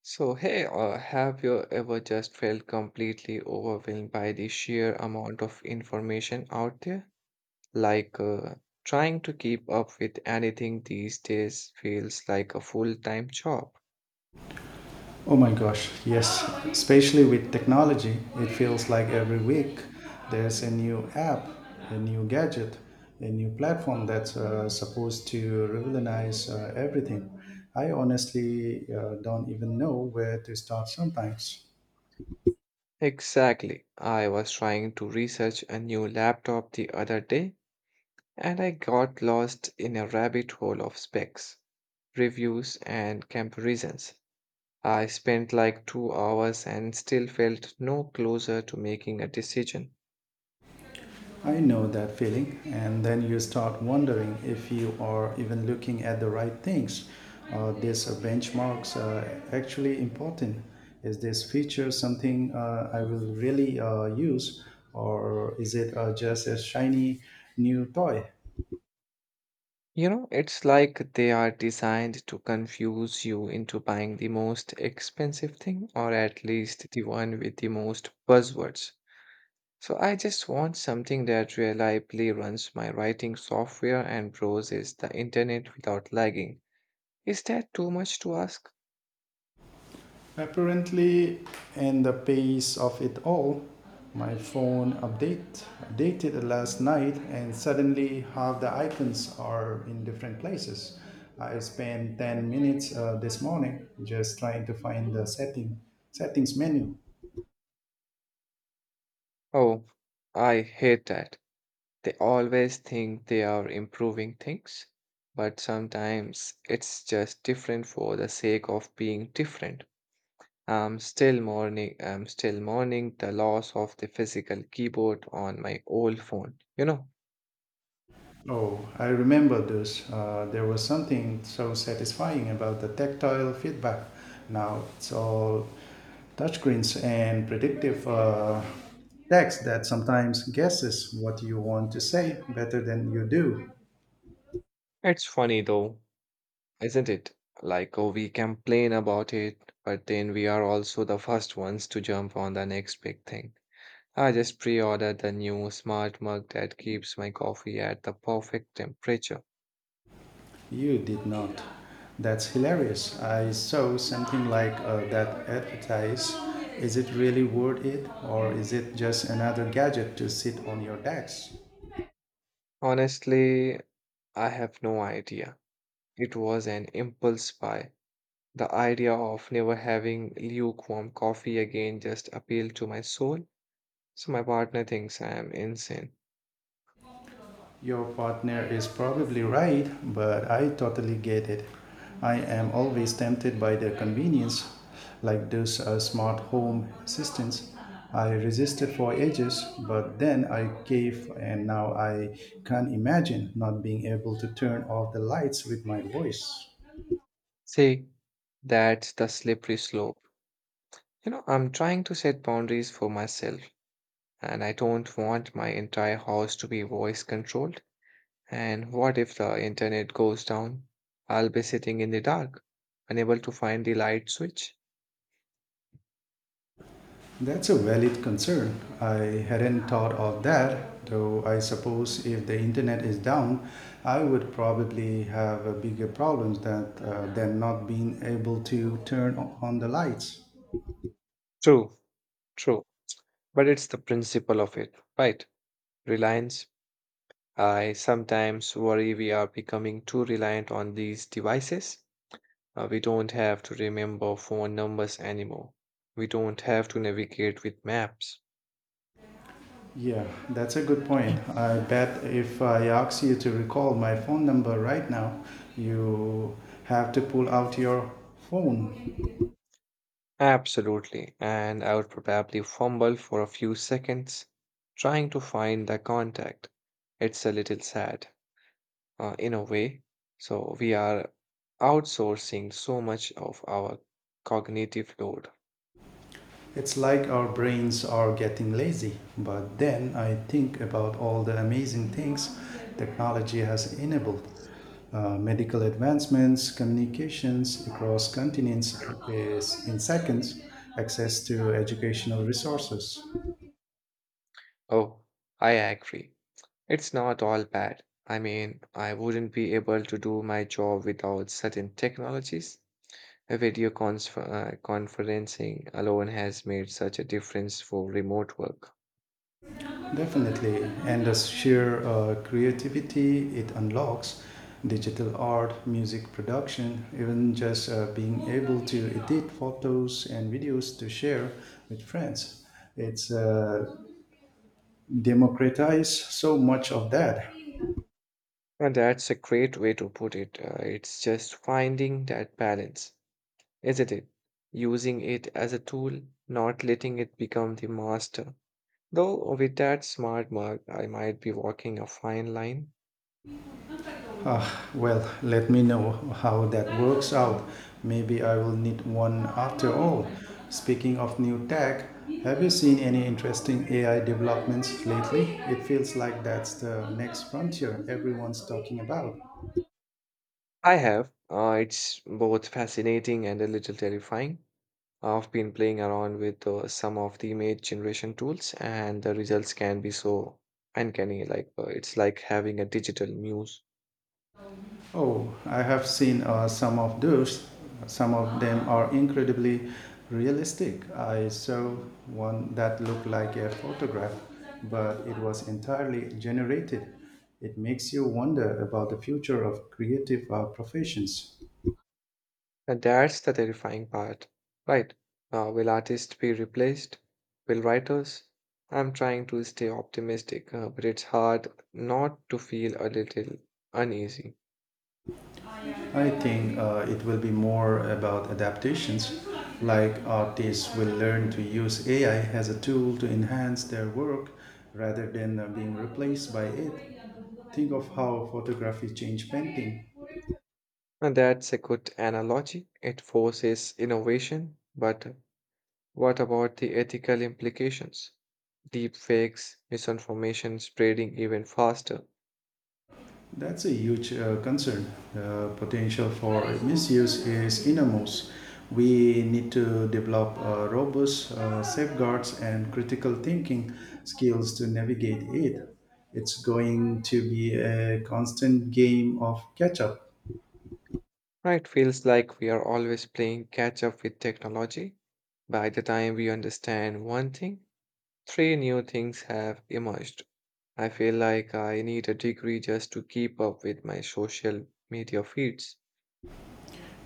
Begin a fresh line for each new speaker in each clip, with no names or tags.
So, hey, have you ever just felt completely overwhelmed by the sheer amount of information out there? Like, trying to keep up with anything these days feels like a full-time job.
Oh my gosh, yes. Especially with technology, it feels like every week there's a new app, a new gadget, a new platform that's supposed to revolutionize everything. I honestly don't even know where to start sometimes.
Exactly. I was trying to research a new laptop the other day, and I got lost in a rabbit hole of specs, reviews, and comparisons. I spent like 2 hours and still felt no closer to making a decision.
I know that feeling, and then you start wondering if you are even looking at the right things. Are these benchmarks actually important? Is this feature something I will really use, or is it just a shiny new toy?
You know, it's like they are designed to confuse you into buying the most expensive thing, or at least the one with the most buzzwords. So I just want something that reliably runs my writing software and browses the internet without lagging. Is that too much to ask?
Apparently, in the pace of it all, my phone updated last night, and suddenly half the icons are in different places. I spent 10 minutes this morning just trying to find the settings menu.
Oh, I hate that. They always think they are improving things, but sometimes it's just different for the sake of being different. I'm still mourning the loss of the physical keyboard on my old phone. You know,
Oh, I remember those. There was something so satisfying about the tactile feedback. Now it's all touchscreens and predictive text that sometimes guesses what you want to say better than you do.
it's funny though, isn't it? Like, oh, we complain about it, but then we are also the first ones to jump on the next big thing. I just pre-ordered the new smart mug that keeps my coffee at the perfect temperature.
You did not. That's hilarious. I saw something like that advertise. Is it really worth it, or is it just another gadget to sit on your desk?
Honestly, I have no idea. It was an impulse buy. The idea of never having lukewarm coffee again just appealed to my soul, so my partner thinks I am insane.
Your partner is probably right, but I totally get it. I am always tempted by their convenience, like those smart home assistants. I resisted for ages, but then I gave, and now I can't imagine not being able to turn off the lights with my voice.
See, that's the slippery slope. You know, I'm trying to set boundaries for myself, and I don't want my entire house to be voice controlled. And what if the internet goes down? I'll be sitting in the dark, unable to find the light switch.
That's a valid concern. I hadn't thought of that, though I suppose if the internet is down, I would probably have a bigger problems than not being able to on the lights.
True, true, but it's the principle of it, right? Reliance I sometimes worry we are becoming too reliant on these devices. We don't have to remember phone numbers anymore. We don't have to navigate with maps.
Yeah, that's a good point. I bet if I ask you to recall my phone number right now, you have to pull out your phone.
Absolutely. And I would probably fumble for a few seconds trying to find the contact. It's a little sad, in a way. So we are outsourcing so much of our cognitive load.
It's like our brains are getting lazy, but then I think about all the amazing things technology has enabled. Medical advancements, communications across continents is in seconds, access to educational resources.
Oh, I agree. It's not all bad. I mean, I wouldn't be able to do my job without certain technologies. Conferencing alone has made such a difference for remote work.
Definitely, and the sheer creativity it unlocks, digital art, music production, even just being able to edit photos and videos to share with friends. It's democratized so much of that.
And that's a great way to put it. It's just finding that balance, isn't it? Using it as a tool, not letting it become the master. Though with that smart mark, I might be walking a fine line.
Uh, well, let me know how that works out. Maybe I will need one after all. Speaking of new tech, have you seen any interesting AI developments lately? It feels like that's the next frontier everyone's talking about.
I have. It's both fascinating and a little terrifying. I've been playing around with some of the image generation tools, and the results can be so uncanny. Like it's like having a digital muse,
Oh, I have seen some of those. Some of them are incredibly realistic. I saw one that looked like a photograph, but it was entirely generated. It makes you wonder about the future of creative professions.
and that's the terrifying part, right? Will artists be replaced? Will writers? I'm trying to stay optimistic, but it's hard not to feel a little uneasy.
I think it will be more about adaptations, like artists will learn to use AI as a tool to enhance their work rather than being replaced by it. Think of how photography changed painting.
And that's a good analogy. It forces innovation, but what about the ethical implications? Deep fakes, misinformation spreading even faster.
That's a huge concern. The potential for misuse is enormous. We need to develop robust safeguards and critical thinking skills to navigate it. It's going to be a constant game of catch up.
Right, feels like we are always playing catch up with technology. By the time we understand one thing, three new things have emerged. I feel like I need a degree just to keep up with my social media feeds.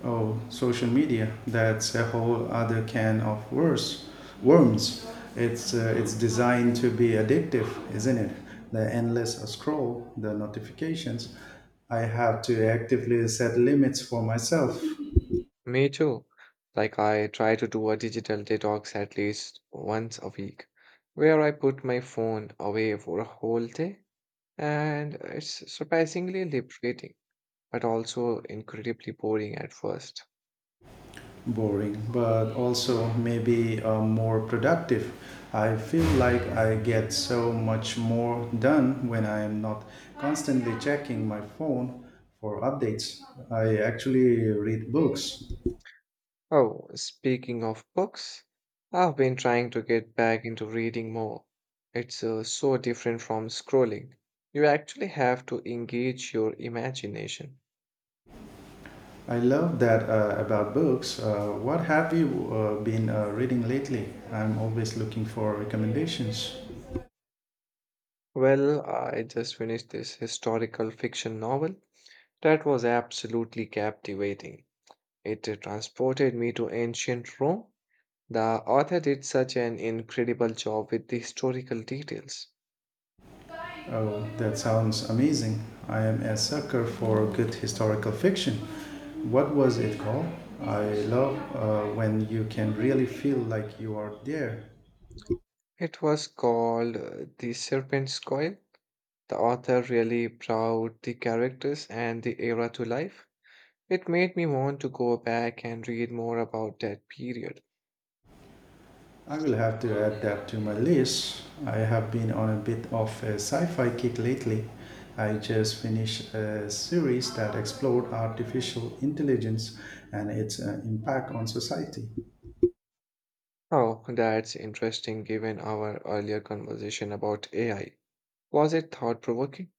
Oh, social media. That's a whole other can of worms. It's designed to be addictive, isn't it? The endless scroll, the notifications. I have to actively set limits for myself.
Me too. Like I try to do a digital detox at least once a week, where I put my phone away for a whole day. And it's surprisingly liberating, but also incredibly boring at first.
Boring, but also maybe more productive. I feel like I get so much more done when I am not constantly checking my phone for updates. I actually read books.
Oh, speaking of books, I've been trying to get back into reading more. It's so different from scrolling. You actually have to engage your imagination.
I love that about books. What have you been reading lately? I'm always looking for recommendations.
Well, I just finished this historical fiction novel that was absolutely captivating. It transported me to ancient Rome. The author did such an incredible job with the historical details.
Oh, that sounds amazing. I am a sucker for good historical fiction. What was it called? I love when you can really feel like you are there.
It was called The Serpent's Coil. The author really brought the characters and the era to life. It made me want to go back and read more about that period.
I will have to add that to my list. I have been on a bit of a sci fi kick lately. I just finished a series that explored artificial intelligence and its impact on society.
Oh, that's interesting given our earlier conversation about AI. Was it thought provoking?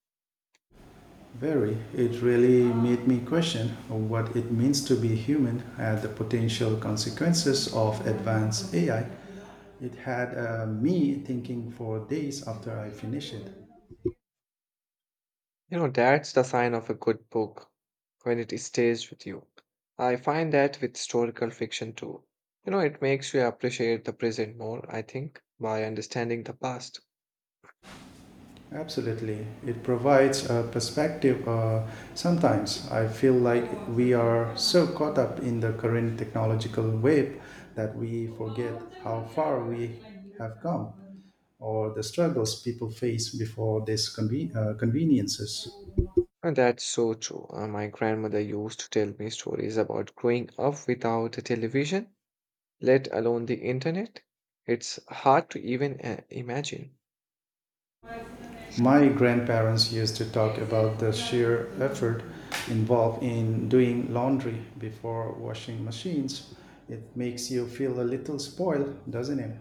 Very, it really made me question what it means to be human and the potential consequences of advanced AI. It had me thinking for days after I finished it.
You know, that's the sign of a good book when it stays with you. I find that with historical fiction too. You know, it makes you appreciate the present more, I think, by understanding the past.
Absolutely. It provides a perspective. Sometimes I feel like we are so caught up in the current technological wave that we forget how far we have come or the struggles people face before these conveniences.
And that's so true. My grandmother used to tell me stories about growing up without a television, let alone the internet. It's hard to even imagine.
My grandparents used to talk about the sheer effort involved in doing laundry before washing machines. It makes you feel a little spoiled, doesn't it?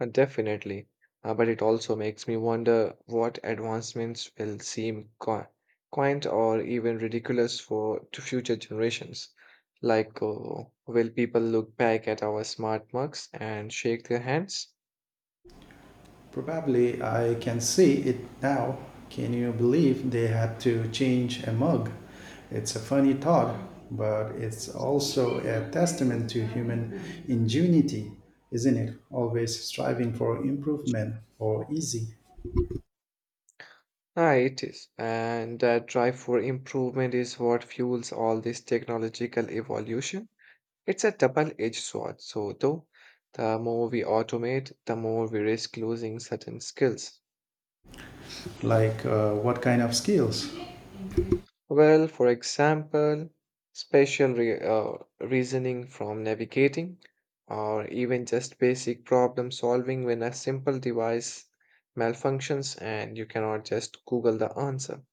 Definitely. But it also makes me wonder what advancements will seem qui- quaint or even ridiculous for to future generations. Like, will people look back at our smart mugs and shake their hands?
Probably I can see it now. Can you believe they had to change a mug? It's a funny thought, but it's also a testament to human ingenuity, isn't it? Always striving for improvement or easy.
Ah, it is. And that drive for improvement is what fuels all this technological evolution. It's a double-edged sword. So, though, the more we automate, the more we risk losing certain skills.
Like what kind of skills?
Well, for example, spatial re- uh, reasoning from navigating, or even just basic problem solving when a simple device malfunctions and you cannot just Google the answer.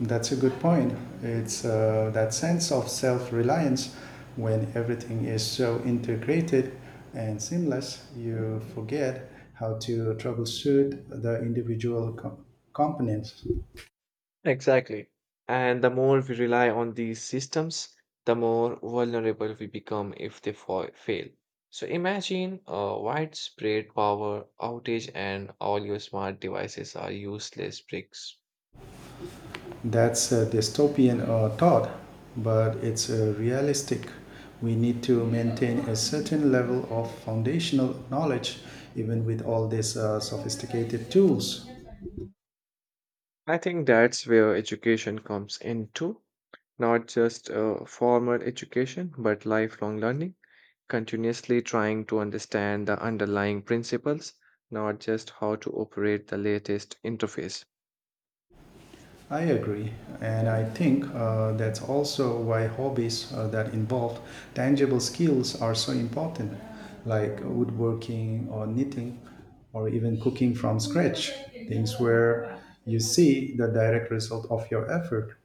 That's a good point. It's That sense of self reliance when everything is so integrated and seamless, you forget how to troubleshoot the individual components.
Exactly. And the more we rely on these systems, the more vulnerable we become if they fail. So imagine a widespread power outage and all your smart devices are useless bricks.
That's a dystopian thought, but it's realistic. We need to maintain a certain level of foundational knowledge even with all these sophisticated tools.
I think that's where education comes in too. Not just formal education, but lifelong learning, continuously trying to understand the underlying principles, not just how to operate the latest interface.
I agree, and I think that's also why hobbies that involve tangible skills are so important, like woodworking or knitting or even cooking from scratch, things where you see the direct result of your effort.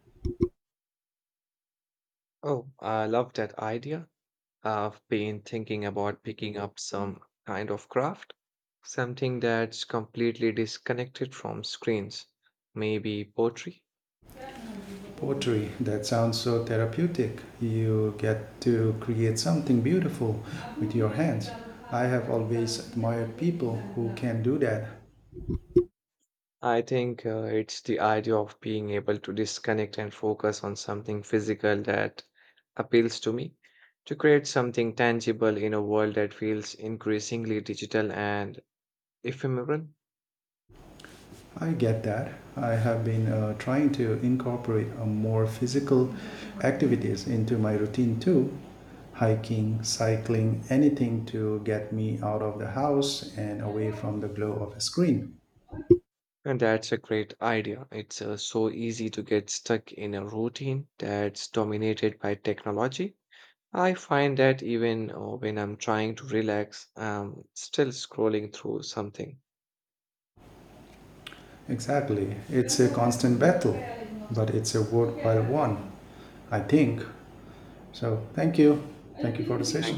Oh, I love that idea. I've been thinking about picking up some kind of craft, something that's completely disconnected from screens, maybe pottery.
Pottery. That sounds so therapeutic. You get to create something beautiful with your hands. I have always admired people who can do that.
I think it's the idea of being able to disconnect and focus on something physical that appeals to me, to create something tangible in a world that feels increasingly digital and ephemeral.
I get that. I have been trying to incorporate more physical activities into my routine too. Hiking, cycling, anything to get me out of the house and away from the glow of a screen.
And that's a great idea. It's so easy to get stuck in a routine that's dominated by technology. I find that even when I'm trying to relax, I'm still scrolling through something.
Exactly. It's a constant battle, but it's a worthwhile one, I think. So, thank you. Thank you for the session.